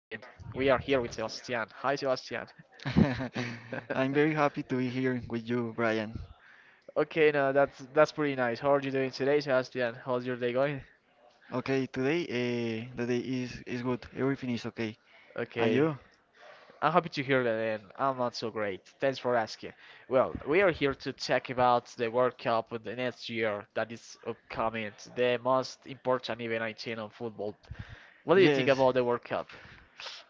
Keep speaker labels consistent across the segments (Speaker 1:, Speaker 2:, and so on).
Speaker 1: We are here with Sebastian. Hi, Sebastian.
Speaker 2: I'm very happy to be here with you, Brian.
Speaker 1: Okay, no, that's pretty nice. How are you doing today, Sebastian? How's your day going?
Speaker 2: Okay, today the day is good. Everything is okay. And
Speaker 1: Okay,
Speaker 2: you?
Speaker 1: I'm happy to hear that, and I'm not so great. Thanks for asking. Well, we are here to talk about the World Cup of the next year that is upcoming, the most important event I think on football. What do you think
Speaker 2: Yes.
Speaker 1: about the World Cup?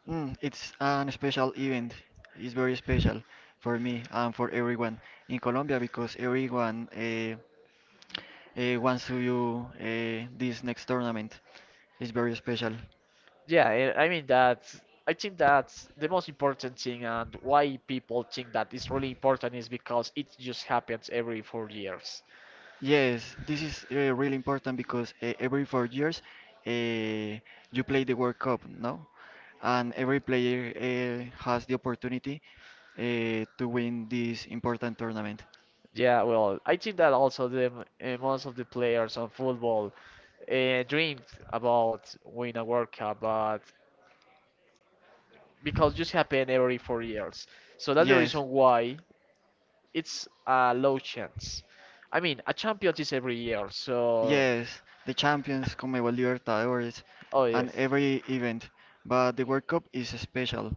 Speaker 2: It's an special event. It's very special for me and for everyone in Colombia because everyone wants to do this next tournament. It's very special.
Speaker 1: Yeah, and I mean that's I think that's the most important thing and why people think that it's really important is because it just happens every 4 years.
Speaker 2: Yes, this is really important because every 4 years uh, you play the World Cup, no? And every player has the opportunity to win this important tournament.
Speaker 1: Yeah, well, I think that also the most of the players on football dreamed about winning a World Cup, but because just happen every 4 years, so that's the
Speaker 2: Yes,
Speaker 1: reason why it's a low chance. I mean, a Champions is every year, so
Speaker 2: yes, the champions, Conmebol Libertadores,
Speaker 1: oh
Speaker 2: and
Speaker 1: yes.
Speaker 2: every event. But the World Cup is special.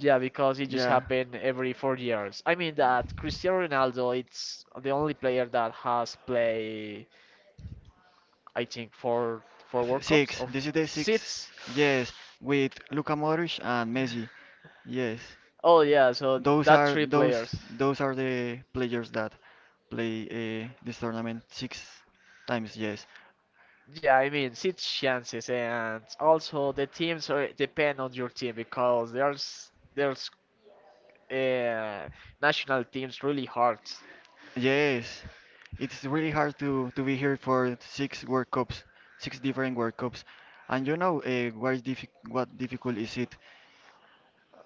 Speaker 1: Yeah, because it just
Speaker 2: Yeah.
Speaker 1: happened every 4 years. I mean that Cristiano Ronaldo, it's the only player that has played, I think, four World Cups
Speaker 2: Six.
Speaker 1: of
Speaker 2: This is the six.
Speaker 1: six.
Speaker 2: Yes, with Luka Modric and Messi. Yes,
Speaker 1: Oh yeah, so
Speaker 2: those
Speaker 1: that
Speaker 2: are
Speaker 1: three
Speaker 2: those
Speaker 1: players.
Speaker 2: those are the players that play this tournament six times. Yes,
Speaker 1: Yeah, I mean six chances, and also the teams are, depend on your team because there's uh, national teams really hard.
Speaker 2: yes. It's really hard to be here for six World Cups, six different World Cups, and you know what difficult is it?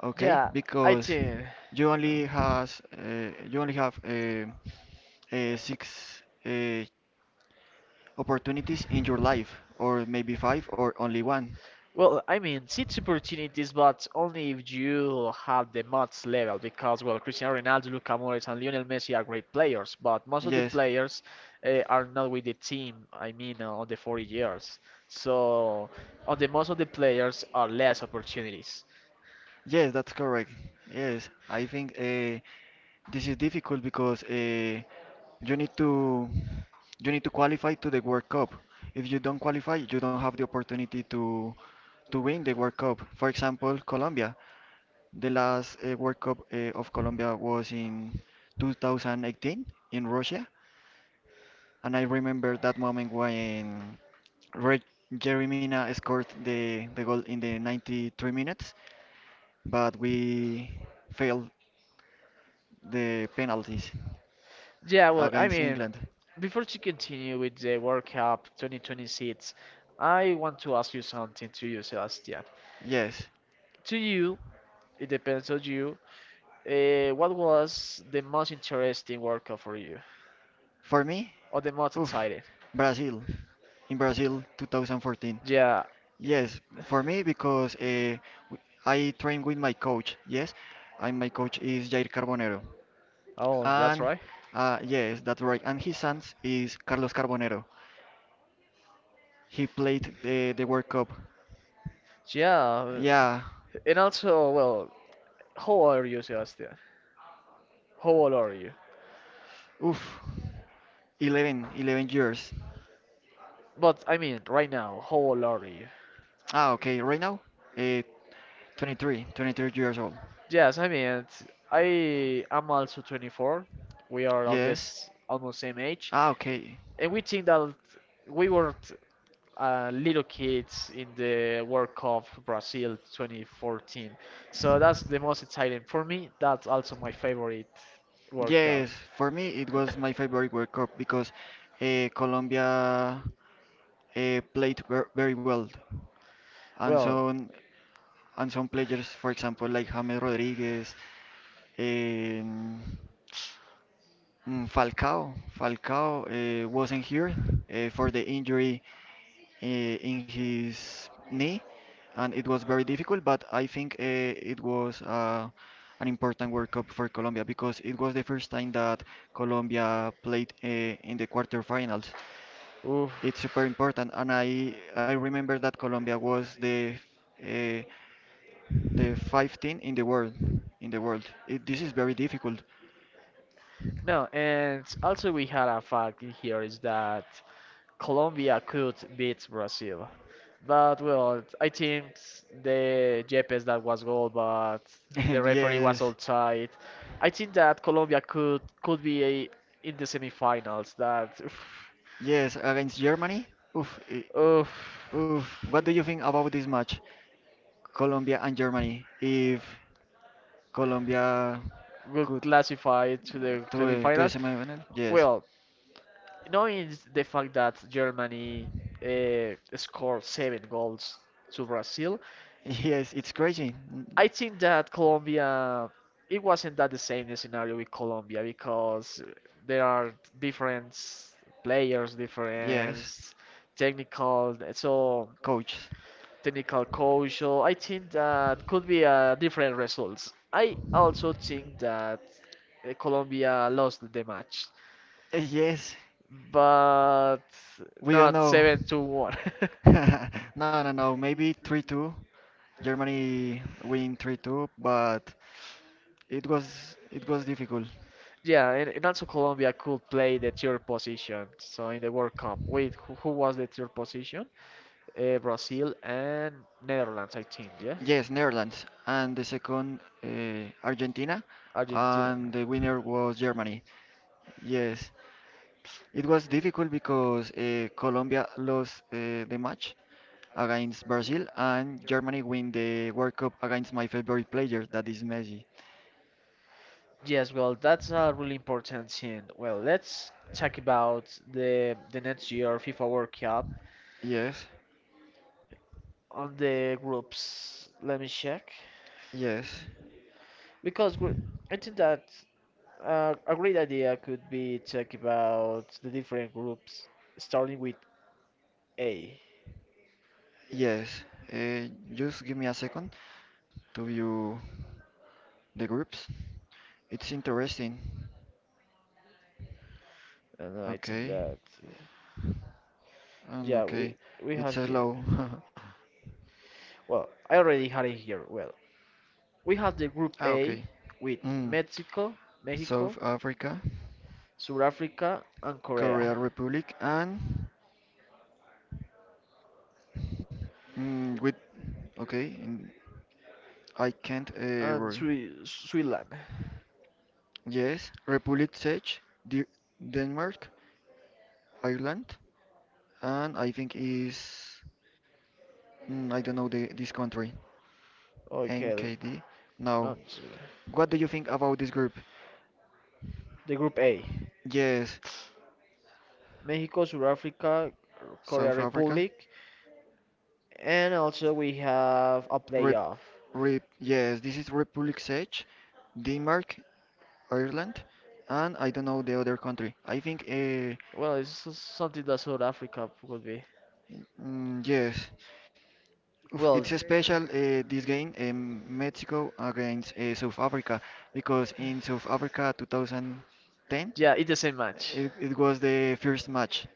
Speaker 2: Okay,
Speaker 1: Yeah, I
Speaker 2: because
Speaker 1: think.
Speaker 2: you only have six opportunities in your life, or maybe five or only one.
Speaker 1: Well, I mean, seats opportunities, but only if you have the mods level, because well, Cristiano Ronaldo, Luka Modric, and Lionel Messi are great players, but most of the
Speaker 2: Yes,
Speaker 1: players are not with the team. I mean, on the 40 years, so on the most of the players are less opportunities.
Speaker 2: yes, that's correct. Yes, I think this is difficult because you need to you need to qualify to the World Cup. If you don't qualify, you don't have the opportunity to win the World Cup. For example, Colombia. The last World Cup of Colombia was in 2018 in Russia, and I remember that moment when Red Jeremina scored the goal in the 93 minutes, but we failed the penalties
Speaker 1: Yeah, well, I
Speaker 2: against
Speaker 1: mean,
Speaker 2: England.
Speaker 1: before to continue with the World Cup 2020 seats, I want to ask you something to you, Sebastian.
Speaker 2: Yes,
Speaker 1: To you, it depends on you. What was the most interesting World Cup for you,
Speaker 2: for me,
Speaker 1: or the most
Speaker 2: oof,
Speaker 1: exciting?
Speaker 2: Brazil in Brazil 2014.
Speaker 1: Yeah.
Speaker 2: Yes, for me because w- I train with my coach. Yes, and my coach is Jair Carbonero.
Speaker 1: Oh, that's
Speaker 2: And
Speaker 1: right.
Speaker 2: yes, that's right. And his son is Carlos Carbonero. He played the World Cup.
Speaker 1: Yeah.
Speaker 2: Yeah,
Speaker 1: And also, well, how old are you, Sebastian? How old are you?
Speaker 2: oof, 11 years.
Speaker 1: But I mean, right now, how old are you?
Speaker 2: Ah, okay, right now, uh, 23 years old.
Speaker 1: Yes, I mean, it's- I am also 24. We are of
Speaker 2: Yes.
Speaker 1: this almost same age,
Speaker 2: Ah, okay.
Speaker 1: and we think that we were little kids in the World Cup Brazil 2014. So that's the most exciting for me. That's also my favorite World Cup.
Speaker 2: Yes, for me it was my favorite World Cup because Colombia played very well, and
Speaker 1: Well,
Speaker 2: some players, for example, like James Rodriguez, Um, Falcao wasn't here for the injury in his knee, and it was very difficult. But I think it was an important World Cup for Colombia because it was the first time that Colombia played in the quarterfinals.
Speaker 1: oof.
Speaker 2: It's super important, and I remember that Colombia was uh, the 15 in the world. This is very difficult.
Speaker 1: No, and also we had a fact in here is that Colombia could beat Brazil. But well, I think the Yepes that was goal, but the referee was
Speaker 2: Yes.
Speaker 1: all tight. I think that Colombia could be a, in the semifinals. That
Speaker 2: Yes, against Germany. Oof,
Speaker 1: oof,
Speaker 2: oof. What do you think about this match, Colombia and Germany? If Colombia
Speaker 1: will
Speaker 2: could
Speaker 1: classify to the
Speaker 2: to the
Speaker 1: semifinals.
Speaker 2: semifinal, yes,
Speaker 1: Well, knowing the fact that Germany scored seven goals to Brazil,
Speaker 2: yes, it's crazy. Mm.
Speaker 1: I think that Colombia, it wasn't that the same the scenario with Colombia because there are different players,
Speaker 2: Yes,
Speaker 1: different technical, so
Speaker 2: coach.
Speaker 1: technical coach. So I think that could be a different results. I also think that Colombia lost the match,
Speaker 2: Yes,
Speaker 1: but
Speaker 2: we don't
Speaker 1: not
Speaker 2: know.
Speaker 1: seven to one.
Speaker 2: No, no, no. Maybe 3-2. Germany win 3-2, but it was difficult.
Speaker 1: Yeah, and also Colombia could play the third position. So in the World Cup, wait, who was the third position? Brazil and Netherlands, I think. Yeah,
Speaker 2: Yes, Netherlands and the second Argentina
Speaker 1: Argentina.
Speaker 2: and the winner was Germany. Yes, it was difficult because Colombia lost the match against Brazil and Germany win the World Cup against my favorite player that is Messi.
Speaker 1: Yes, well, that's a really important thing. Well, let's talk about the next year FIFA World Cup
Speaker 2: Yes,
Speaker 1: on the groups. Let me check
Speaker 2: yes.
Speaker 1: because I think that a great idea could be talk about the different groups starting with A.
Speaker 2: Yes, uh, just give me a second to view the groups. It's interesting.
Speaker 1: And I think
Speaker 2: Okay,
Speaker 1: that
Speaker 2: and
Speaker 1: yeah, we
Speaker 2: okay,
Speaker 1: we had
Speaker 2: it's a
Speaker 1: here.
Speaker 2: low.
Speaker 1: Well, I already had it here. Well, we have the Group
Speaker 2: Ah,
Speaker 1: A
Speaker 2: okay.
Speaker 1: with
Speaker 2: Mm.
Speaker 1: Mexico, Mexico,
Speaker 2: South Africa,
Speaker 1: South Africa, and Korea,
Speaker 2: Korea Republic, and with okay, in, I can't. Uh,
Speaker 1: and
Speaker 2: re-
Speaker 1: Switzerland.
Speaker 2: yes, Republic Czech, D Denmark, Ireland, and I think is I don't know the this country.
Speaker 1: Okay,
Speaker 2: NKD? Now,
Speaker 1: no, sorry.
Speaker 2: what do you think about this group?
Speaker 1: The Group A:
Speaker 2: Yes,
Speaker 1: Mexico, South Africa, Korea
Speaker 2: South Africa.
Speaker 1: Republic, and also we have a
Speaker 2: Rep,
Speaker 1: playoff.
Speaker 2: Rep, yes, this is Republic Czech, Denmark, Ireland, and I don't know the other country. I think,
Speaker 1: Well, it's something that South Africa would be.
Speaker 2: yes, oof,
Speaker 1: Well,
Speaker 2: it's a special this game, Mexico against South Africa, because in South Africa 2010,
Speaker 1: yeah, it's the same match.
Speaker 2: it was the first match.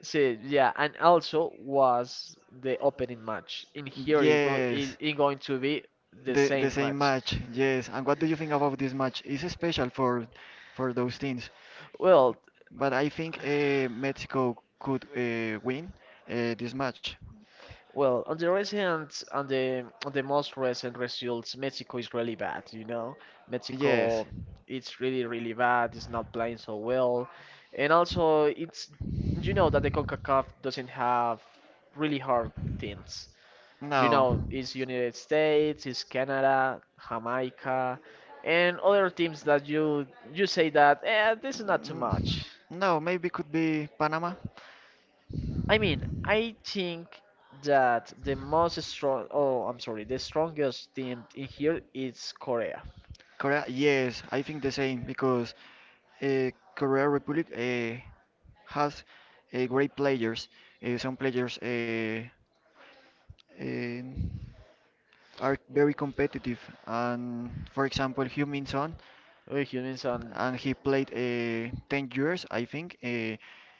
Speaker 1: See, yeah, and also was the opening match. In here,
Speaker 2: Yes,
Speaker 1: it going to be the
Speaker 2: the
Speaker 1: same
Speaker 2: same
Speaker 1: match.
Speaker 2: match. Yes. And what do you think about this match? It's special for those teams,
Speaker 1: Well,
Speaker 2: but I think Mexico could win this match.
Speaker 1: well, on the recent, on the most recent results, Mexico is really bad. You know,
Speaker 2: Yes.
Speaker 1: Mexico, it's really bad. It's not playing so well, and also it's you know that the Concacaf doesn't have really hard teams. You
Speaker 2: No.
Speaker 1: know, it's United States, it's Canada, Jamaica, and other teams that you say that this is not too
Speaker 2: Mm.
Speaker 1: much.
Speaker 2: No, maybe could be Panama.
Speaker 1: I mean, I think that the most strong, oh, I'm sorry, the strongest team in here is Korea.
Speaker 2: Korea? Yes, I think the same because Korea Republic has great players. Some players um, are very competitive. And for example, Heung Min Son,
Speaker 1: With Huminson,
Speaker 2: and he played 10 years, I think,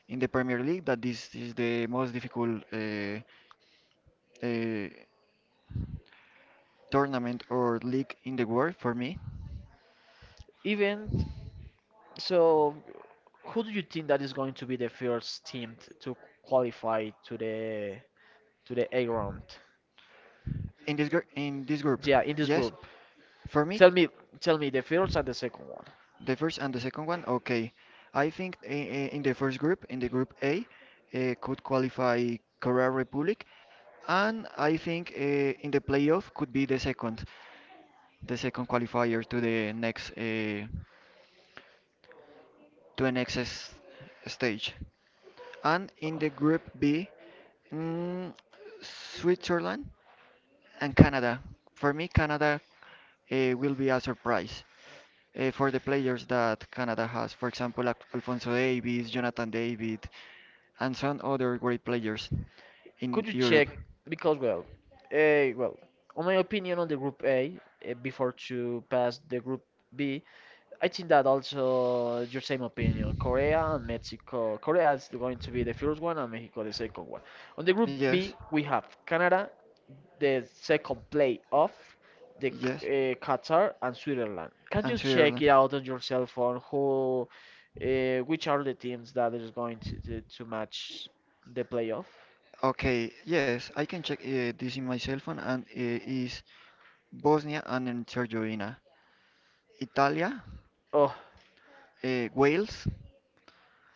Speaker 2: in the Premier League. That this is the most difficult uh, tournament or league in the world for me.
Speaker 1: even so, who do you think that is going to be the first team to qualify to the A round?
Speaker 2: In this group,
Speaker 1: Yeah, in this
Speaker 2: yes,
Speaker 1: group.
Speaker 2: for me.
Speaker 1: Tell me, tell me the first and the second.
Speaker 2: The first and the second one? Okay. I think in the first group, in the group A, could qualify Korea Republic, and I think in the playoff could be the second, qualifier to the next stage. And in the group B, mm, Switzerland and Canada. For me, Canada will be a surprise. For the players that Canada has. For example, Alfonso Davies, Jonathan David, and some other great players in
Speaker 1: Could you
Speaker 2: Europe.
Speaker 1: check because well, well, on my opinion on the group A before to pass the group B, I think that also your same opinion. Korea and Mexico. Korea is going to be the first one and Mexico the second one. On the group
Speaker 2: Yes,
Speaker 1: B we have Canada, the second play off the
Speaker 2: yes,
Speaker 1: Qatar and Switzerland. Can
Speaker 2: and
Speaker 1: you check
Speaker 2: Switzerland.
Speaker 1: it out on your cell phone? Which are the teams that is going to, to match the playoff?
Speaker 2: Okay, yes, I can check this in my cell phone, and is Bosnia and Herzegovina, Italia,
Speaker 1: Oh,
Speaker 2: Wales,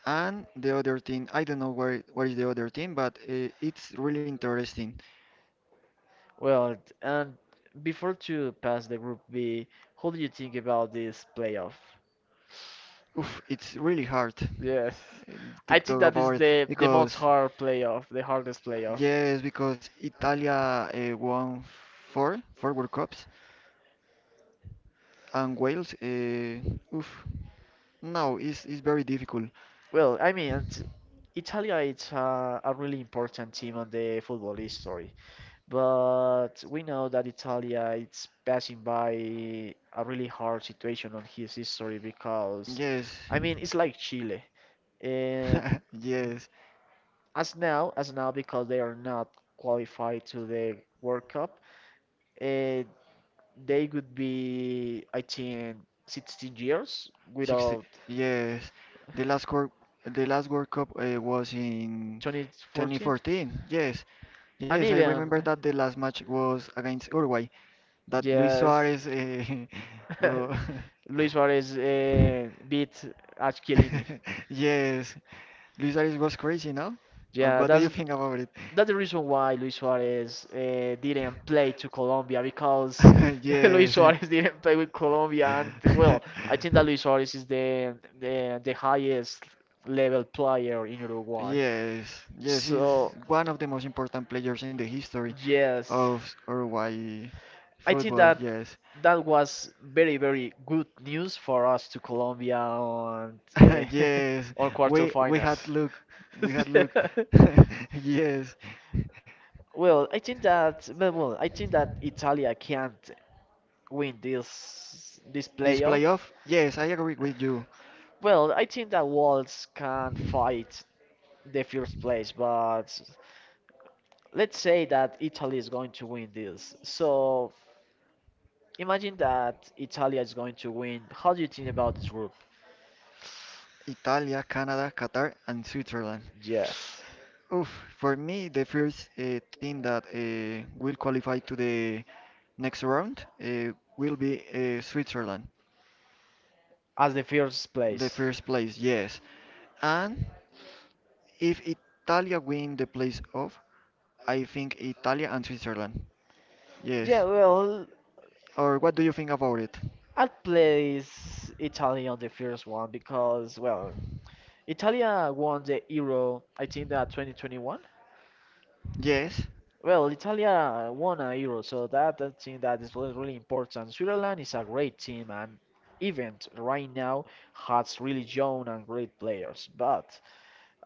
Speaker 2: and the other team. I don't know where is the other team, but it's really interesting.
Speaker 1: well, and before to pass the Group B, how do you think about this playoff?
Speaker 2: Oof, it's really hard
Speaker 1: Yes,
Speaker 2: to
Speaker 1: I think
Speaker 2: talk
Speaker 1: that is
Speaker 2: about,
Speaker 1: the most
Speaker 2: because
Speaker 1: hard playoff, the hardest playoff.
Speaker 2: yes, because Italia won four World Cups and Wales. Oof, no, it's very difficult.
Speaker 1: Well, I mean, it's- Italia is a really important team on the football history, but we know that Italia is passing by a really hard situation on his history because,
Speaker 2: Yes,
Speaker 1: I mean, it's like Chile. Um,
Speaker 2: yes,
Speaker 1: as now because they are not qualified to the World Cup, uh, they would be I think 16 years
Speaker 2: 60.
Speaker 1: without
Speaker 2: Yes, the last cor the last World Cup was in
Speaker 1: 2014,
Speaker 2: 2014. Yes,
Speaker 1: and
Speaker 2: yes, I remember
Speaker 1: even
Speaker 2: that the last match was against Uruguay, that Luis
Speaker 1: yes,
Speaker 2: Suarez. Uh,
Speaker 1: Luis Suarez beat Achillini.
Speaker 2: yes, Luis Suarez was crazy, no? Uh,
Speaker 1: Yeah,
Speaker 2: what do you think about it?
Speaker 1: that's the reason why Luis Suarez didn't play to Colombia because Luis
Speaker 2: Yes.
Speaker 1: Suarez didn't play with Colombia, and well, I think that Luis Suarez is the highest level player in Uruguay.
Speaker 2: Yes, yes, he's
Speaker 1: So
Speaker 2: one of the most important players in the history
Speaker 1: yes,
Speaker 2: of Uruguay
Speaker 1: I think
Speaker 2: football.
Speaker 1: that
Speaker 2: Yes,
Speaker 1: that was very good news for us to Colombia on
Speaker 2: yes,
Speaker 1: on
Speaker 2: we
Speaker 1: quarterfinals.
Speaker 2: had look, we had
Speaker 1: Yeah.
Speaker 2: look. Yes,
Speaker 1: Well, I think that I think that Italia can't win this
Speaker 2: this
Speaker 1: playoff.
Speaker 2: playoff. Yes, I agree with you.
Speaker 1: Well, I think that Wolves can fight the first place, but let's say that Italy is going to win this. So imagine that Italy is going to win. How do you think about this group?
Speaker 2: Italia, Canada, Qatar, and Switzerland.
Speaker 1: Yes,
Speaker 2: Oof, for me, the first team that will qualify to the next round will be Switzerland.
Speaker 1: as the first
Speaker 2: The
Speaker 1: place.
Speaker 2: first place, yes. And if Italia win the place off, I think Italia and Switzerland. Yes.
Speaker 1: Yeah, well,
Speaker 2: Or what do you think about it?
Speaker 1: I'd place Italy on the first one because, well, Italia won the Euro, I think that 2021.
Speaker 2: Yes.
Speaker 1: Well, Italia won a Euro, so that thing that is really important. Switzerland is a great team and even right now has really young and great players, but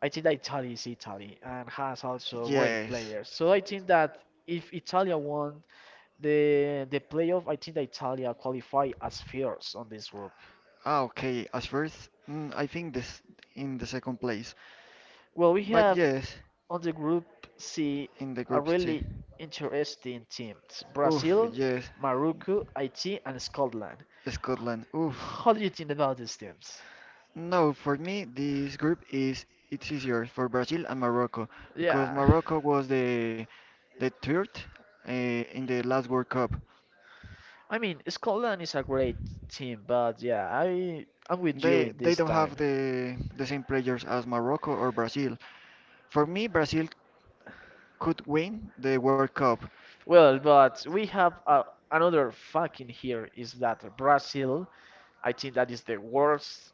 Speaker 1: I think that Italy is Italy and has also great
Speaker 2: Yes.
Speaker 1: players. So I think that if Italia won the playoff, I think that Italia qualify as first on this group.
Speaker 2: Ah, okay. As first, I think this in the second place.
Speaker 1: Well, we
Speaker 2: But
Speaker 1: have
Speaker 2: yes,
Speaker 1: on the group C
Speaker 2: in the
Speaker 1: a
Speaker 2: group C.
Speaker 1: really interesting teams:
Speaker 2: Oof,
Speaker 1: Brazil,
Speaker 2: yes,
Speaker 1: Morocco, Haiti, and Scotland.
Speaker 2: Scotland. Oof.
Speaker 1: How do you think about these teams?
Speaker 2: No, for me, this group is it's easier for Brazil and Morocco because
Speaker 1: Yeah,
Speaker 2: Morocco was the third in the last World Cup.
Speaker 1: I mean Scotland is a great team, but yeah, I'm with you in
Speaker 2: They
Speaker 1: this
Speaker 2: don't
Speaker 1: time.
Speaker 2: have the same players as Morocco or Brazil. For me, Brazil could win the World Cup.
Speaker 1: Well, but we have another fucking here is that Brazil. I think that is the worst,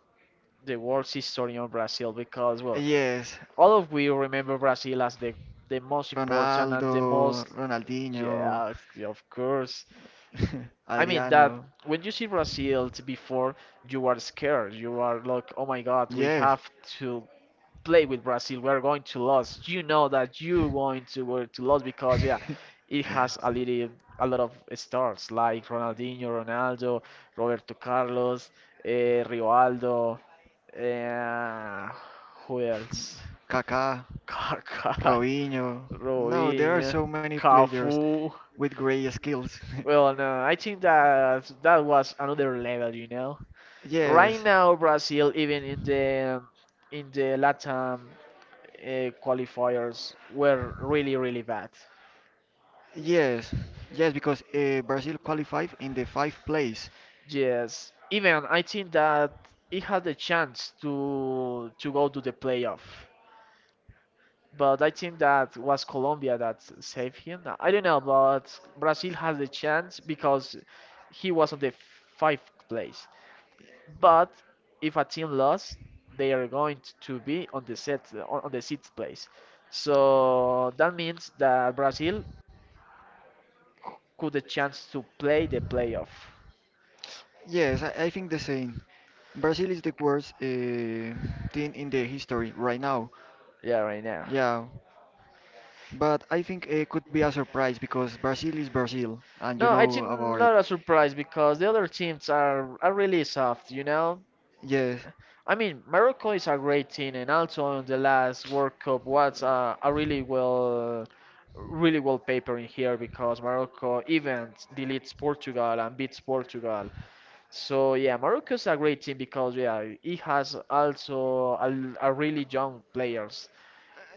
Speaker 1: the worst history on Brazil because well,
Speaker 2: Yes,
Speaker 1: all of we remember Brazil as the most important and
Speaker 2: Ronaldo,
Speaker 1: the most
Speaker 2: Ronaldinho,
Speaker 1: yeah of course. I mean that
Speaker 2: Adriano.
Speaker 1: when you see Brazil before, you are scared. You are like, oh my God, we
Speaker 2: Yes,
Speaker 1: have to play with Brazil. We are going to lose. You know that you going to were to lose because yeah, it has a lot of stars like Ronaldinho, Ronaldo, Roberto Carlos, Rivaldo, eh, who else?
Speaker 2: Kaká,
Speaker 1: Kaká,
Speaker 2: Robinho. No, there are
Speaker 1: Robinho,
Speaker 2: so many players
Speaker 1: Cafu.
Speaker 2: with great skills.
Speaker 1: Well, no, I think that that was another level, you know. Right
Speaker 2: Yes.
Speaker 1: now, Brazil, even in the Latam qualifiers, were really, really bad.
Speaker 2: Yes, yes, because Brazil qualified in the fifth place.
Speaker 1: Yes, even I think that it had the chance to go to the playoff, but I think that was Colombia that saved him. I don't know, but Brazil has the chance because he was on the fifth place, but if a team lost, they are going to be on the set on the sixth place. So that means that Brazil could a chance to play the playoff.
Speaker 2: Yes, I think the same. Brazil is the worst team in the history right now.
Speaker 1: Yeah, right now.
Speaker 2: Yeah, but I think it could be a surprise because Brazil is Brazil, and you
Speaker 1: No, I
Speaker 2: know
Speaker 1: think
Speaker 2: about it.
Speaker 1: not a surprise because the other teams are really soft, you know.
Speaker 2: Yes,
Speaker 1: I mean, Morocco is a great team, and also in the last World Cup was a, really well paper in here because Morocco even deletes Portugal and beats Portugal. So yeah, Morocco's a great team because yeah, it has also a really young players.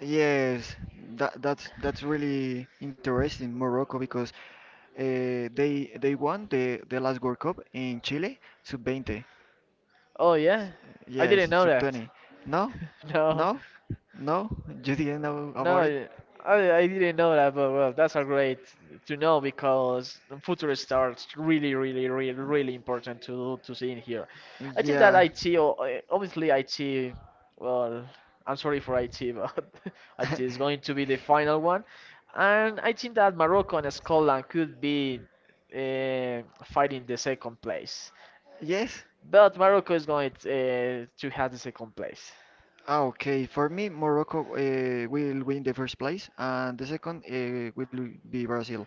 Speaker 2: yes, that's really interesting, Morocco, because they won the last World Cup in Chile, sub-20.
Speaker 1: Oh yeah, I
Speaker 2: Yes,
Speaker 1: didn't know
Speaker 2: sub
Speaker 1: that.
Speaker 2: 20. No?
Speaker 1: No.
Speaker 2: No? No? You didn't know
Speaker 1: No,
Speaker 2: about it?
Speaker 1: I didn't know that, but well, that's a great to know because future stars really important to see in here. I think that
Speaker 2: Yeah.
Speaker 1: IT, obviously IT, well, I'm sorry for IT, but IT is going to be the final one, and I think that Morocco and Scotland could be fighting the second place,
Speaker 2: Yes.
Speaker 1: but Morocco is going to have the second place.
Speaker 2: Ah, okay. For me, Morocco will win the first place, and the second will be Brazil,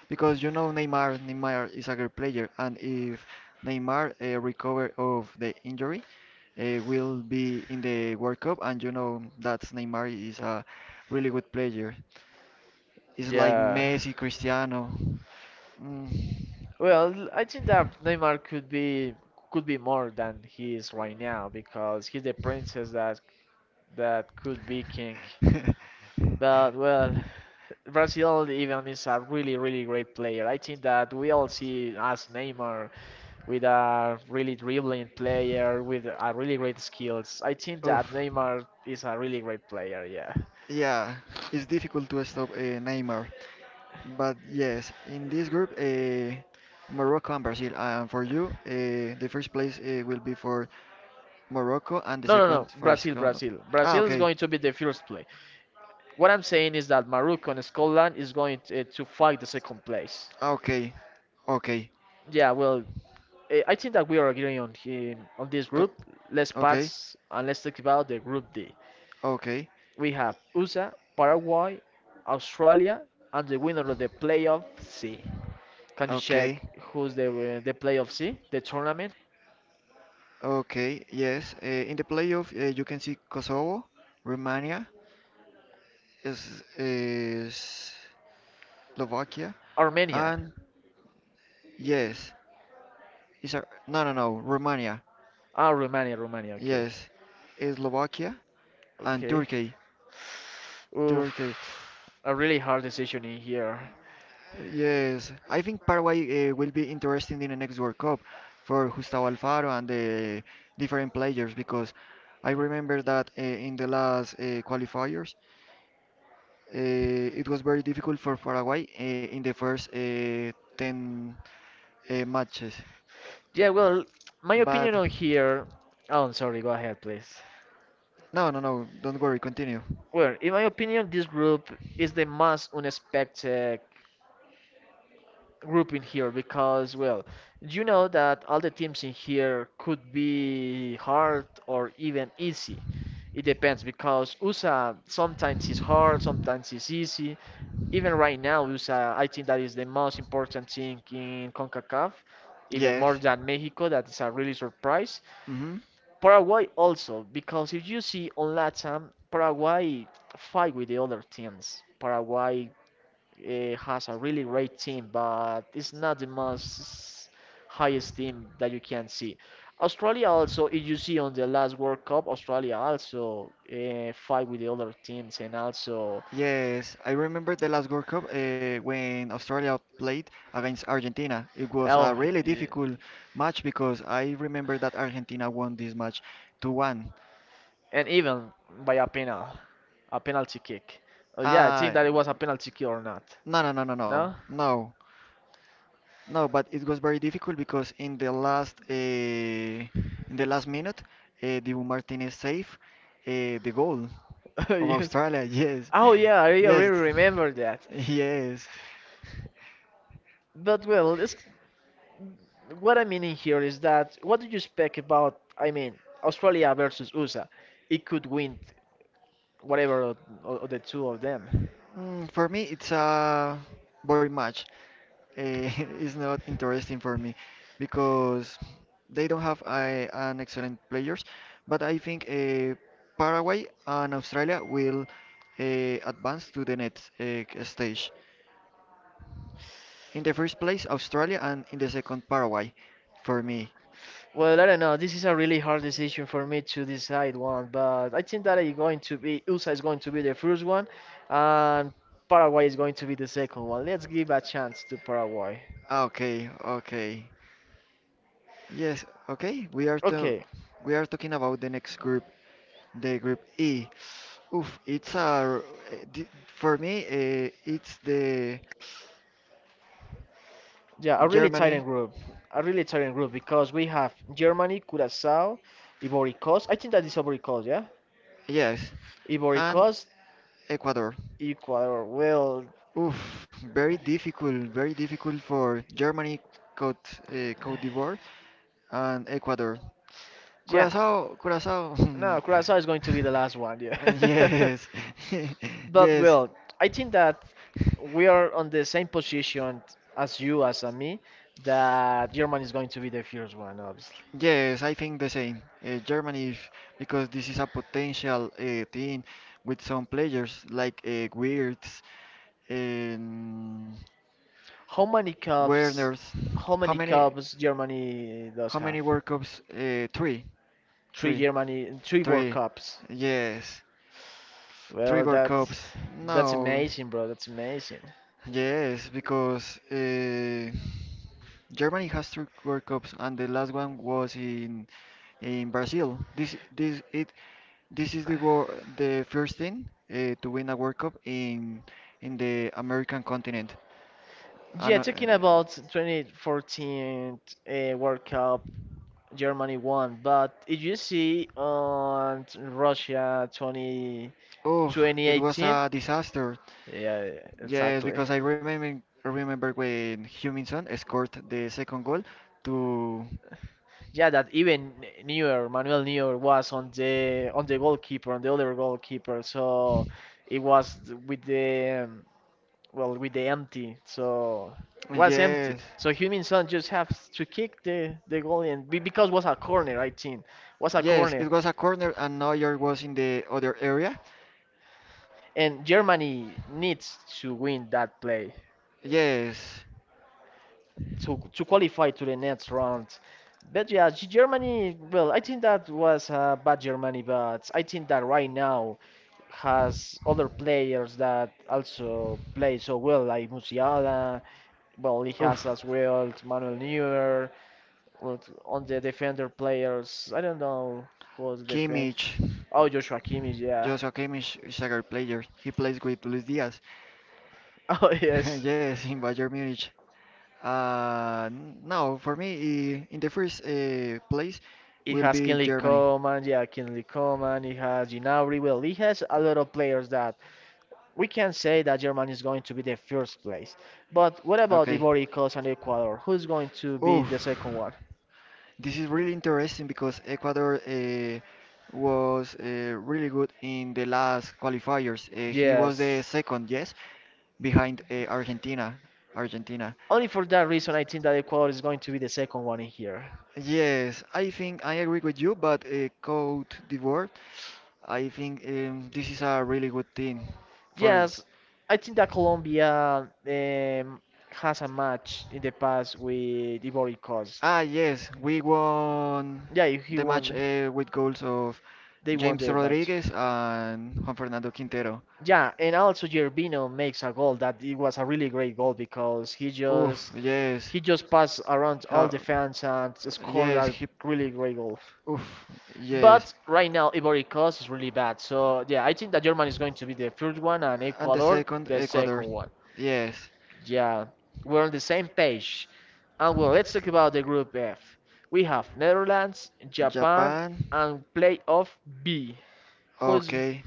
Speaker 2: because you know Neymar. Neymar is a great player, and if Neymar recover of the injury, will be in the World Cup, and you know that Neymar is a really good player. He's like
Speaker 1: Yeah.
Speaker 2: Messi, Cristiano. Mm.
Speaker 1: Well, I think that Neymar could be more than he is right now because he's the princess that could be king. But well, Brazil even is a really really great player. I think that we all see as Neymar with a really dribbling player with a really great skills. I think
Speaker 2: Oof.
Speaker 1: that Neymar is a really great player. Yeah.
Speaker 2: Yeah, it's difficult to stop Neymar. But yes, in this group, Morocco and Brazil. And for you, the first place will be for Morocco and the
Speaker 1: No, no,
Speaker 2: second
Speaker 1: no.
Speaker 2: for
Speaker 1: Brazil,
Speaker 2: Scotland.
Speaker 1: Brazil.
Speaker 2: Ah,
Speaker 1: Brazil is
Speaker 2: okay.
Speaker 1: going to be the first place. What I'm saying is that Morocco and Scotland is going to fight the second place.
Speaker 2: Ah, okay. Okay.
Speaker 1: Yeah, well, I think that we are agreeing on him on this group.
Speaker 2: Co-
Speaker 1: Let's
Speaker 2: Okay,
Speaker 1: pass and let's talk about the group D.
Speaker 2: okay,
Speaker 1: We have USA, Paraguay, Australia, and the winner of the playoff C. Can you
Speaker 2: okay,
Speaker 1: check who's the playoff C, the tournament?
Speaker 2: okay. Yes, in the playoff you can see Kosovo, Romania, is Slovakia, and
Speaker 1: Armenia.
Speaker 2: yes, no no no Romania.
Speaker 1: Ah, Romania, Romania. Okay,
Speaker 2: Yes, is Slovakia and
Speaker 1: okay.
Speaker 2: Turkey.
Speaker 1: Oof,
Speaker 2: Turkey.
Speaker 1: a really hard decision in here.
Speaker 2: Yes, I think Paraguay will be interesting in the next World Cup for Gustavo Alfaro and the different players because I remember that in the last qualifiers it was very difficult for Paraguay in the first 10 matches.
Speaker 1: Yeah, well, my
Speaker 2: But
Speaker 1: opinion on here. Oh, I'm sorry. Go ahead, please.
Speaker 2: no, no, no, don't worry, continue.
Speaker 1: Well, in my opinion, this group is the most unexpected group in here because, well, you know that all the teams in here could be hard or even easy. It depends because USA sometimes is hard, sometimes is easy. Even right now, USA, I think that is the most important thing in CONCACAF, even
Speaker 2: Yes.
Speaker 1: more than Mexico, that is a really surprise.
Speaker 2: Hmm.
Speaker 1: Paraguay also, because if you see on LATAM, Paraguay fight with the other teams. Paraguay has a really great team, but it's not the most highest team that you can see. Australia also, if you see on the last World Cup, Australia also fight with the other teams and also
Speaker 2: Yes, I remember the last World Cup when Australia played against Argentina. It was
Speaker 1: oh,
Speaker 2: a really
Speaker 1: eh,
Speaker 2: difficult match because I remember that Argentina won this match 2-1.
Speaker 1: and even by a penal, a penalty kick. Oh yeah, I think
Speaker 2: Uh,
Speaker 1: that it was a penalty kick or not.
Speaker 2: no, no, no, no, no,
Speaker 1: No?
Speaker 2: no, no. But it was very difficult because in the last minute, Dibu Martinez saved the goal of
Speaker 1: Yes.
Speaker 2: Australia. Yes,
Speaker 1: Oh yeah, I
Speaker 2: yes,
Speaker 1: really remember that.
Speaker 2: yes.
Speaker 1: But well, this, what I mean in here is that what do you expect about? I mean, Australia versus USA. It could win whatever of the two of them.
Speaker 2: For me, it's a boring match. eh, is not interesting for me because they don't have an excellent players. But I think Paraguay and Australia will uh, advance to the next stage. In the first place, Australia, and in the second, Paraguay, for me.
Speaker 1: Well, I don't know. This is a really hard decision for me to decide one, but I think that it's going to be USA is going to be the first one, and Paraguay is going to be the second one. Let's give a chance to Paraguay.
Speaker 2: Ah, okay, okay. Yes, okay.
Speaker 1: Okay,
Speaker 2: We are talking about the next group, the group E. Oof, it's a r- eh, di- for me, it's the
Speaker 1: yeah, a really
Speaker 2: Germany,
Speaker 1: tiring group. A really tiring group because we have Germany, Curacao, Ivory Coast. I think that is Ivory Coast, yeah?
Speaker 2: yes,
Speaker 1: Ivory
Speaker 2: and
Speaker 1: Coast,
Speaker 2: Ecuador.
Speaker 1: Ecuador. Well,
Speaker 2: Oof, very difficult for Germany, Cote d'Ivoire, and Ecuador.
Speaker 1: yeah.
Speaker 2: Curacao, Curacao.
Speaker 1: No, Curacao is going to be the last one, yeah.
Speaker 2: Yes,
Speaker 1: But,
Speaker 2: yes,
Speaker 1: well, I think that we are on the same position as you, as me, that Germany is going to be the first one, obviously.
Speaker 2: yes. I think the same. Germany because this is a potential team with some players like Wirtz, um,
Speaker 1: How many cups?
Speaker 2: Werners,
Speaker 1: How
Speaker 2: how
Speaker 1: many
Speaker 2: many
Speaker 1: cups Germany does
Speaker 2: how many
Speaker 1: have?
Speaker 2: World Cups? Three,
Speaker 1: Three
Speaker 2: three,
Speaker 1: Germany, three World
Speaker 2: three.
Speaker 1: Cups.
Speaker 2: Yes, three
Speaker 1: Well,
Speaker 2: World
Speaker 1: that's
Speaker 2: Cups.
Speaker 1: that's
Speaker 2: No,
Speaker 1: amazing, bro. That's amazing.
Speaker 2: yes, because Germany has three World Cups, and the last one was in Brazil. This it this is the wor the first thing to win a World Cup in the American continent. And, uh,
Speaker 1: Yeah, talking about 2014 World Cup, Germany won, but did you see on Russia 202018?
Speaker 2: Oof, it was a disaster.
Speaker 1: Yeah,
Speaker 2: Yes,
Speaker 1: exactly.
Speaker 2: because I remember when Huminson scored the second goal to
Speaker 1: Yeah, that even Neuer, Manuel Neuer was on the goalkeeper, on the other goalkeeper. So it was with the well with the empty so was
Speaker 2: yes.
Speaker 1: empty so Heung-min Son just have to kick the goal and be, because was a corner I think was a
Speaker 2: Yes,
Speaker 1: corner
Speaker 2: it was a corner and Neuer was in the other area.
Speaker 1: and Germany needs to win that play
Speaker 2: Yes.
Speaker 1: to qualify to the next round but yeah G- Germany well I think that was a bad Germany but I think that right now has other players that also play so well like Musiala well he
Speaker 2: Oof.
Speaker 1: has as well Manuel Neuer. But on the defender players, I don't know who was the defend.
Speaker 2: Kimmich,
Speaker 1: Oh, Joshua Kimmich, yeah.
Speaker 2: Joshua Kimmich is a great player. He plays with Luis Diaz.
Speaker 1: Oh, yes.
Speaker 2: Yes, in Bayern Munich. No, for me, in the first place
Speaker 1: It
Speaker 2: will
Speaker 1: has
Speaker 2: be
Speaker 1: Kinley
Speaker 2: Germany.
Speaker 1: Coman, yeah, Kinley Coman. It has Gnabry. Well, it has a lot of players that we can say that Germany is going to be the first place. But what about
Speaker 2: Okay.
Speaker 1: Ivory Coast and Ecuador? Who's going to be
Speaker 2: Oof.
Speaker 1: the second one?
Speaker 2: This is really interesting because Ecuador was really good in the last qualifiers. He was the
Speaker 1: Yes.
Speaker 2: second, yes, behind Argentina. Argentina.
Speaker 1: Only for that reason, I think that Ecuador is going to be the second one in here.
Speaker 2: Yes, I think I agree with you, but Cote d'Ivoire, I think this is a really good team for.
Speaker 1: Yes, I think that Colombia has a match in the past with Ivory Coast.
Speaker 2: Ah, yes, we won
Speaker 1: Yeah, he
Speaker 2: the match
Speaker 1: won.
Speaker 2: with goals of
Speaker 1: They won
Speaker 2: James
Speaker 1: the match.
Speaker 2: Rodriguez and Juan Fernando Quintero.
Speaker 1: Yeah, and also Gervinho makes a goal that it was a really great goal because
Speaker 2: Oof, yes.
Speaker 1: he just passed around all
Speaker 2: Uh,
Speaker 1: the fans and scored
Speaker 2: yes,
Speaker 1: that
Speaker 2: he.
Speaker 1: really great goal.
Speaker 2: Oof, yes.
Speaker 1: But right now Ivory Coast is really bad. So yeah, I think that Germany is going to be the first one and
Speaker 2: And the
Speaker 1: Ecuador
Speaker 2: second,
Speaker 1: the second
Speaker 2: Ecuador.
Speaker 1: one.
Speaker 2: Yes.
Speaker 1: Yeah, we're on the same page. And well, let's talk about the group F. We have Netherlands, Japan,
Speaker 2: Japan.
Speaker 1: and playoff B. Who's
Speaker 2: Okay.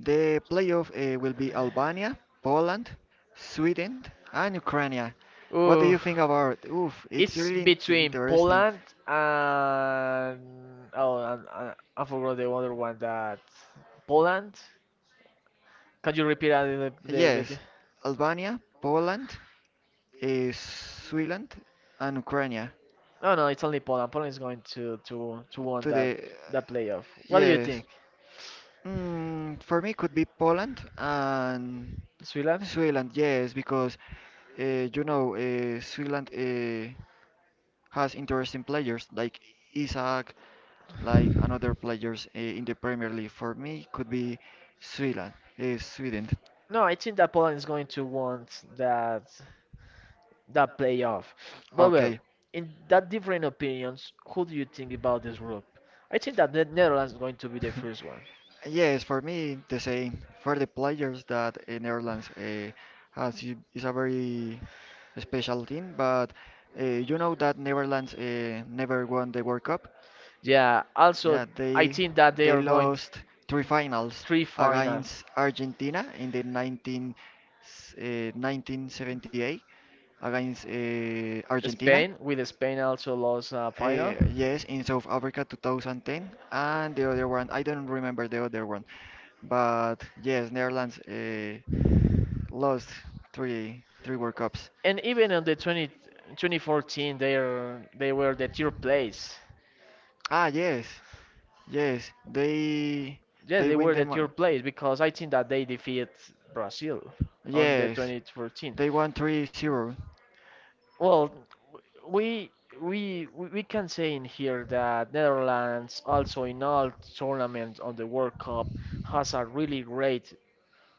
Speaker 2: The playoff will be Albania, Poland, Sweden, and Ukraine. What do you
Speaker 1: oh,
Speaker 2: think about? Oof, it's
Speaker 1: it's
Speaker 2: really
Speaker 1: between
Speaker 2: interesting.
Speaker 1: Poland and oh, and I forgot the other one that Poland. Can you repeat that? The-
Speaker 2: Yes, Albania, Poland, Sweden, and Ukraine.
Speaker 1: no, no, it's only Poland. Poland is going to win
Speaker 2: To
Speaker 1: that
Speaker 2: the
Speaker 1: playoff. What do you
Speaker 2: yes.
Speaker 1: think,
Speaker 2: Mm, for me, could be Poland and
Speaker 1: Swilan?
Speaker 2: Switzerland, yes, because you know Switzerland has interesting players like Isaac, like another players in the Premier League. For me, could be Switzerland, Sweden.
Speaker 1: No, I think that Poland is going to want that playoff. Well, well,
Speaker 2: Okay.
Speaker 1: in that different opinions, who do you think about this group? I think that the Netherlands is going to be the first one.
Speaker 2: Yes, for me the same. For the players that Netherlands has is a very special team, but you know that Netherlands never won the World Cup.
Speaker 1: Yeah, also,
Speaker 2: Yeah,
Speaker 1: I
Speaker 2: they
Speaker 1: think that they
Speaker 2: they
Speaker 1: are going t-
Speaker 2: lost three finals
Speaker 1: three finals.
Speaker 2: against Argentina in the 1978 against Argentina.
Speaker 1: Spain, with Spain also lost a final.
Speaker 2: Yes, in South Africa 2010, and the other one I don't remember the other one, but yes, Netherlands lost three World Cups.
Speaker 1: And even on the 20, 2014, they, are, they were the third place.
Speaker 2: Ah, yes, yes,
Speaker 1: Yeah,
Speaker 2: they
Speaker 1: they
Speaker 2: win
Speaker 1: were the
Speaker 2: them.
Speaker 1: third place because I think that they defeat Brazil on the
Speaker 2: Yes,
Speaker 1: 2014.
Speaker 2: they won 3-0
Speaker 1: Well, we we can say in here that Netherlands also in all tournaments on the World Cup has a really great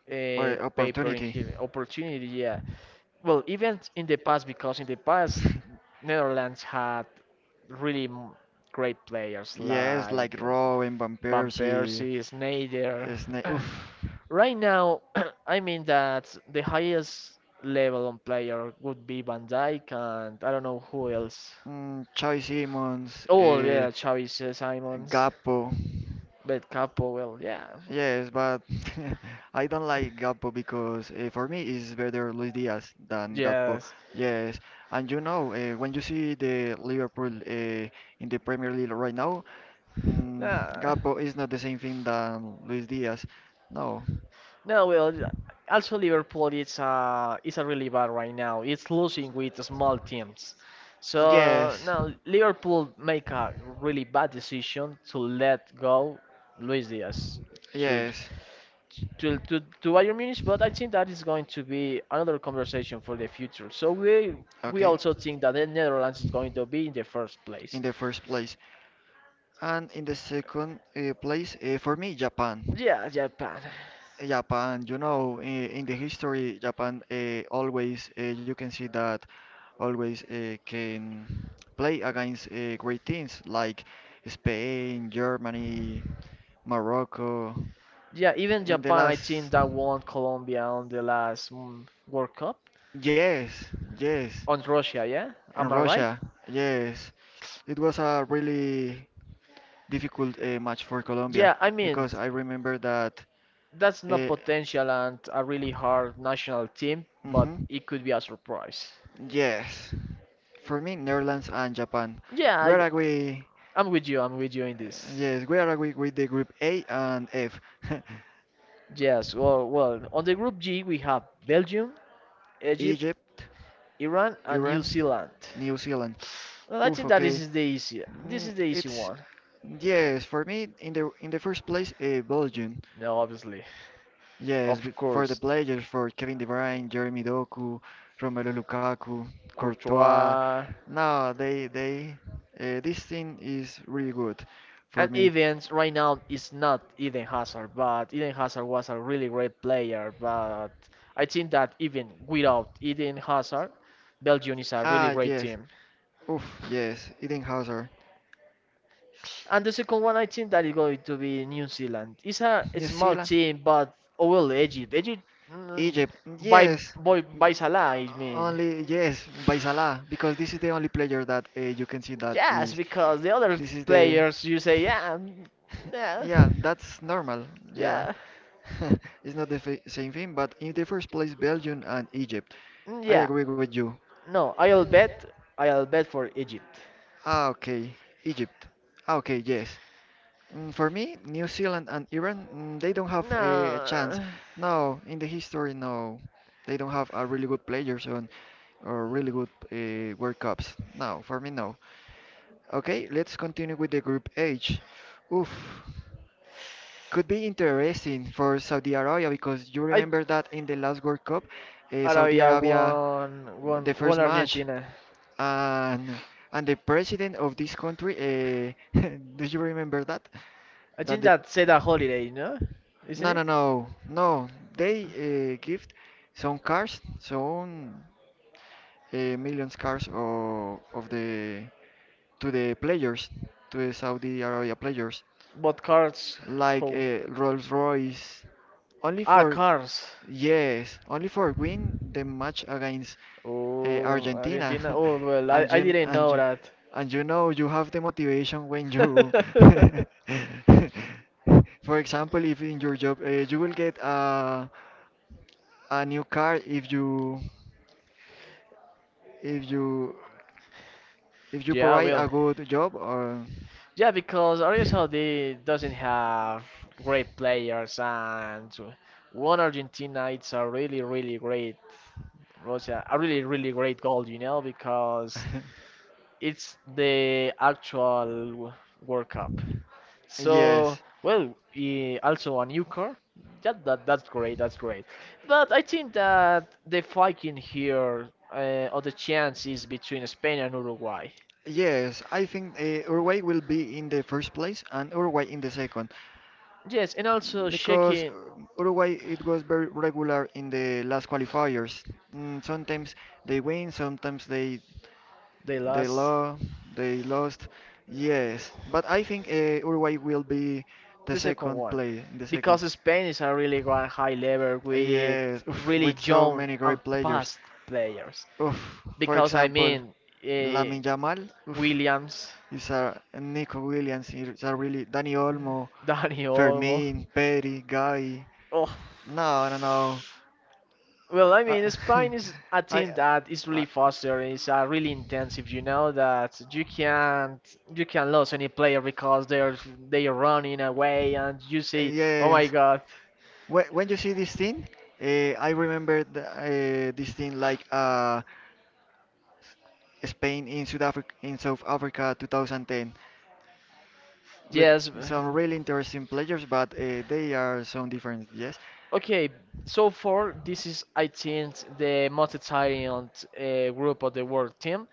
Speaker 2: or
Speaker 1: paper in
Speaker 2: opportunity.
Speaker 1: here opportunity. Yeah. Well, even in the past because in the past Netherlands had really m- great players
Speaker 2: Yes,
Speaker 1: like
Speaker 2: like Rowe and Van
Speaker 1: Van
Speaker 2: Persie,
Speaker 1: Persie, Sneijder.
Speaker 2: Sna oof,
Speaker 1: Right now, I mean that the highest level on player would be Van Dijk and I don't know who else.
Speaker 2: mm, Choi Simmons,
Speaker 1: Oh yeah, Xavi Simons,
Speaker 2: Gappo.
Speaker 1: but Capo. Well, yeah,
Speaker 2: Yes, but I don't like Gappo because for me it's better Luis Diaz than Gappo.
Speaker 1: yes.
Speaker 2: Yes, and you know when you see the Liverpool in the Premier League right now, mm,
Speaker 1: Nah,
Speaker 2: Gapo is not the same thing than Luis Diaz. No.
Speaker 1: no. Well, also Liverpool it's a really bad right now. It's losing with the small teams, so
Speaker 2: Yes.
Speaker 1: now Liverpool make a really bad decision to let go Luis Diaz to
Speaker 2: Yes.
Speaker 1: to Bayern Munich. But I think that is going to be another conversation for the future. So we
Speaker 2: Okay.
Speaker 1: also think that the Netherlands is going to be in the first
Speaker 2: In
Speaker 1: place.
Speaker 2: the first place. And in the second place, for me, Japan.
Speaker 1: Yeah, Japan.
Speaker 2: Japan, you know, in the history, Japan always, you can see that always can play against great teams like Spain, Germany, Morocco.
Speaker 1: Yeah, even
Speaker 2: In the
Speaker 1: Japan, I
Speaker 2: last,
Speaker 1: think that won Colombia on the last mm, World Cup
Speaker 2: yes, yes,
Speaker 1: on Russia. Yeah,
Speaker 2: in
Speaker 1: am I right?
Speaker 2: Russia, yes, it was a really difficult match for Colombia
Speaker 1: Yeah, I mean
Speaker 2: because I remember that
Speaker 1: that's not
Speaker 2: uh,
Speaker 1: potential and a really hard national team, but
Speaker 2: hmm,
Speaker 1: it could be a surprise.
Speaker 2: yes, for me Netherlands and Japan.
Speaker 1: Yeah,
Speaker 2: Where are we,
Speaker 1: I'm with you. I'm with you in this.
Speaker 2: yes, where are we with the group A and F?
Speaker 1: Yes, well, well, on the group G we have Belgium, Egypt,
Speaker 2: Egypt,
Speaker 1: Iran, and New
Speaker 2: Iran,
Speaker 1: Zealand.
Speaker 2: New Zealand.
Speaker 1: Well, I
Speaker 2: Oof,
Speaker 1: think that this
Speaker 2: okay.
Speaker 1: is the easy. This
Speaker 2: Mm,
Speaker 1: is the easy
Speaker 2: it's
Speaker 1: one.
Speaker 2: yes for me in the first place Belgium.
Speaker 1: No, obviously,
Speaker 2: Yes,
Speaker 1: of
Speaker 2: for the
Speaker 1: course,
Speaker 2: players for Kevin De Bruyne, Jeremy Doku, Romelu Lukaku, Courtois.
Speaker 1: Courtois,
Speaker 2: No, they this thing is really good for
Speaker 1: and
Speaker 2: me.
Speaker 1: Evans right now is not Eden Hazard, but Eden Hazard was a really great player. But I think that even without Eden Hazard, Belgium is a
Speaker 2: Ah
Speaker 1: really great
Speaker 2: yes,
Speaker 1: team.
Speaker 2: oof yes, Eden Hazard.
Speaker 1: And the second one, I think that is going to be New Zealand. It's a small team, but oh well, Egypt. Egypt mm,
Speaker 2: Egypt,
Speaker 1: by,
Speaker 2: yes. m-
Speaker 1: by Salah, I mean.
Speaker 2: Only yes, by Salah, because this is the only player that you can see that
Speaker 1: Yes,
Speaker 2: is,
Speaker 1: because the other
Speaker 2: this is the
Speaker 1: players, you say, yeah, mm, yeah,
Speaker 2: yeah, that's normal. Yeah,
Speaker 1: yeah,
Speaker 2: it's not the same thing, but in the first place, Belgium and Egypt.
Speaker 1: mm,
Speaker 2: I
Speaker 1: yeah.
Speaker 2: agree with you.
Speaker 1: No, I'll bet. I'll bet for Egypt.
Speaker 2: Ah, okay, Egypt. Ah, okay, yes. Mm, for me, New Zealand and Iran, mm, they don't have a chance.
Speaker 1: No.
Speaker 2: No, in the history, no, they don't have a really good players on or really good World Cups. No, for me, no. Okay, let's continue with the Group H. Oof, could be interesting for Saudi Arabia because you
Speaker 1: I
Speaker 2: remember that in the last World Cup, Saudi
Speaker 1: Arabia
Speaker 2: Arabia
Speaker 1: won, won,
Speaker 2: the
Speaker 1: won
Speaker 2: first match
Speaker 1: Argentina.
Speaker 2: and and the president of this country uh, do you remember that
Speaker 1: I
Speaker 2: that
Speaker 1: think
Speaker 2: the
Speaker 1: that's said a holiday, no? Isn't
Speaker 2: no
Speaker 1: it?
Speaker 2: no no no they give some cars some millions cars of the to the players to the Saudi Arabia players
Speaker 1: But cars,
Speaker 2: like
Speaker 1: who?
Speaker 2: a Rolls Royce, only
Speaker 1: Ah,
Speaker 2: for
Speaker 1: cars.
Speaker 2: yes, only for win the match against
Speaker 1: Oh,
Speaker 2: Argentina.
Speaker 1: Argentina. Oh, well,
Speaker 2: And
Speaker 1: I
Speaker 2: you
Speaker 1: didn't
Speaker 2: and
Speaker 1: know
Speaker 2: you
Speaker 1: that.
Speaker 2: and you know you have the motivation when you, for example, if in your job you will get a new car if you if you if you
Speaker 1: Yeah,
Speaker 2: provide
Speaker 1: well,
Speaker 2: a good job or
Speaker 1: yeah, because Arabia Saudi doesn't have great players, and one Argentina, it's a really, really great, was a really, really great goal, you know, because it's the actual w- World Cup. So,
Speaker 2: yes.
Speaker 1: well, also a new car. That's great. That's great. But I think that the fighting here or the chance is between Spain and Uruguay.
Speaker 2: Yes, I think Uruguay will be in the first place and Uruguay in the second.
Speaker 1: Yes, and also
Speaker 2: Because
Speaker 1: checking
Speaker 2: Uruguay it was very regular in the last qualifiers. Mm, sometimes they win, sometimes
Speaker 1: the
Speaker 2: they
Speaker 1: last,
Speaker 2: lost, they lost. Yes, but I think Uruguay will be the
Speaker 1: the second
Speaker 2: second
Speaker 1: one,
Speaker 2: play in the second.
Speaker 1: because Spain is a really grand high level with
Speaker 2: Yes, oof,
Speaker 1: really
Speaker 2: with so
Speaker 1: young
Speaker 2: many
Speaker 1: and
Speaker 2: great players.
Speaker 1: fast players.
Speaker 2: Oof, for
Speaker 1: Because I
Speaker 2: example,
Speaker 1: mean, uh,
Speaker 2: Lamin Yamal, oof,
Speaker 1: Williams,
Speaker 2: is a and Nico Williams, is a really Dani Olmo,
Speaker 1: Dani Olmo.
Speaker 2: Fermin, Perry, Guy.
Speaker 1: Oh.
Speaker 2: No, no, no.
Speaker 1: Well, I
Speaker 2: I,
Speaker 1: mean, Spain is a
Speaker 2: I,
Speaker 1: team that is
Speaker 2: I,
Speaker 1: really faster. It's really intensive. You know that you can not lose any player because they're running away, and you see, oh my
Speaker 2: yes.
Speaker 1: God,
Speaker 2: When you see this thing, uh, I remember the, this thing like a Spain in South Africa 2010 with
Speaker 1: yes.
Speaker 2: some really interesting players, but they are some different. Yes,
Speaker 1: Okay, so far this is I think the most exciting group of the world team.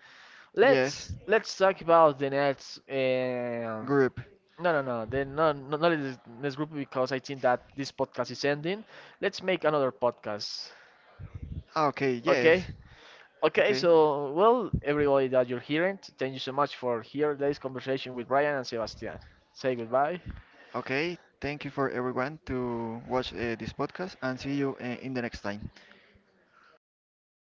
Speaker 2: yes,
Speaker 1: Let's talk about the Nets.
Speaker 2: group.
Speaker 1: No, no, no. Then not in this group because I think that this podcast is ending. Let's make another podcast.
Speaker 2: Ah, okay,
Speaker 1: Okay.
Speaker 2: yes,
Speaker 1: Okay.
Speaker 2: okay,
Speaker 1: So well, everybody that you're hearing, thank you so much for here today's conversation with Brian and Sebastian. Say goodbye.
Speaker 2: okay. Thank you for everyone to watch this podcast, and see you in the next time.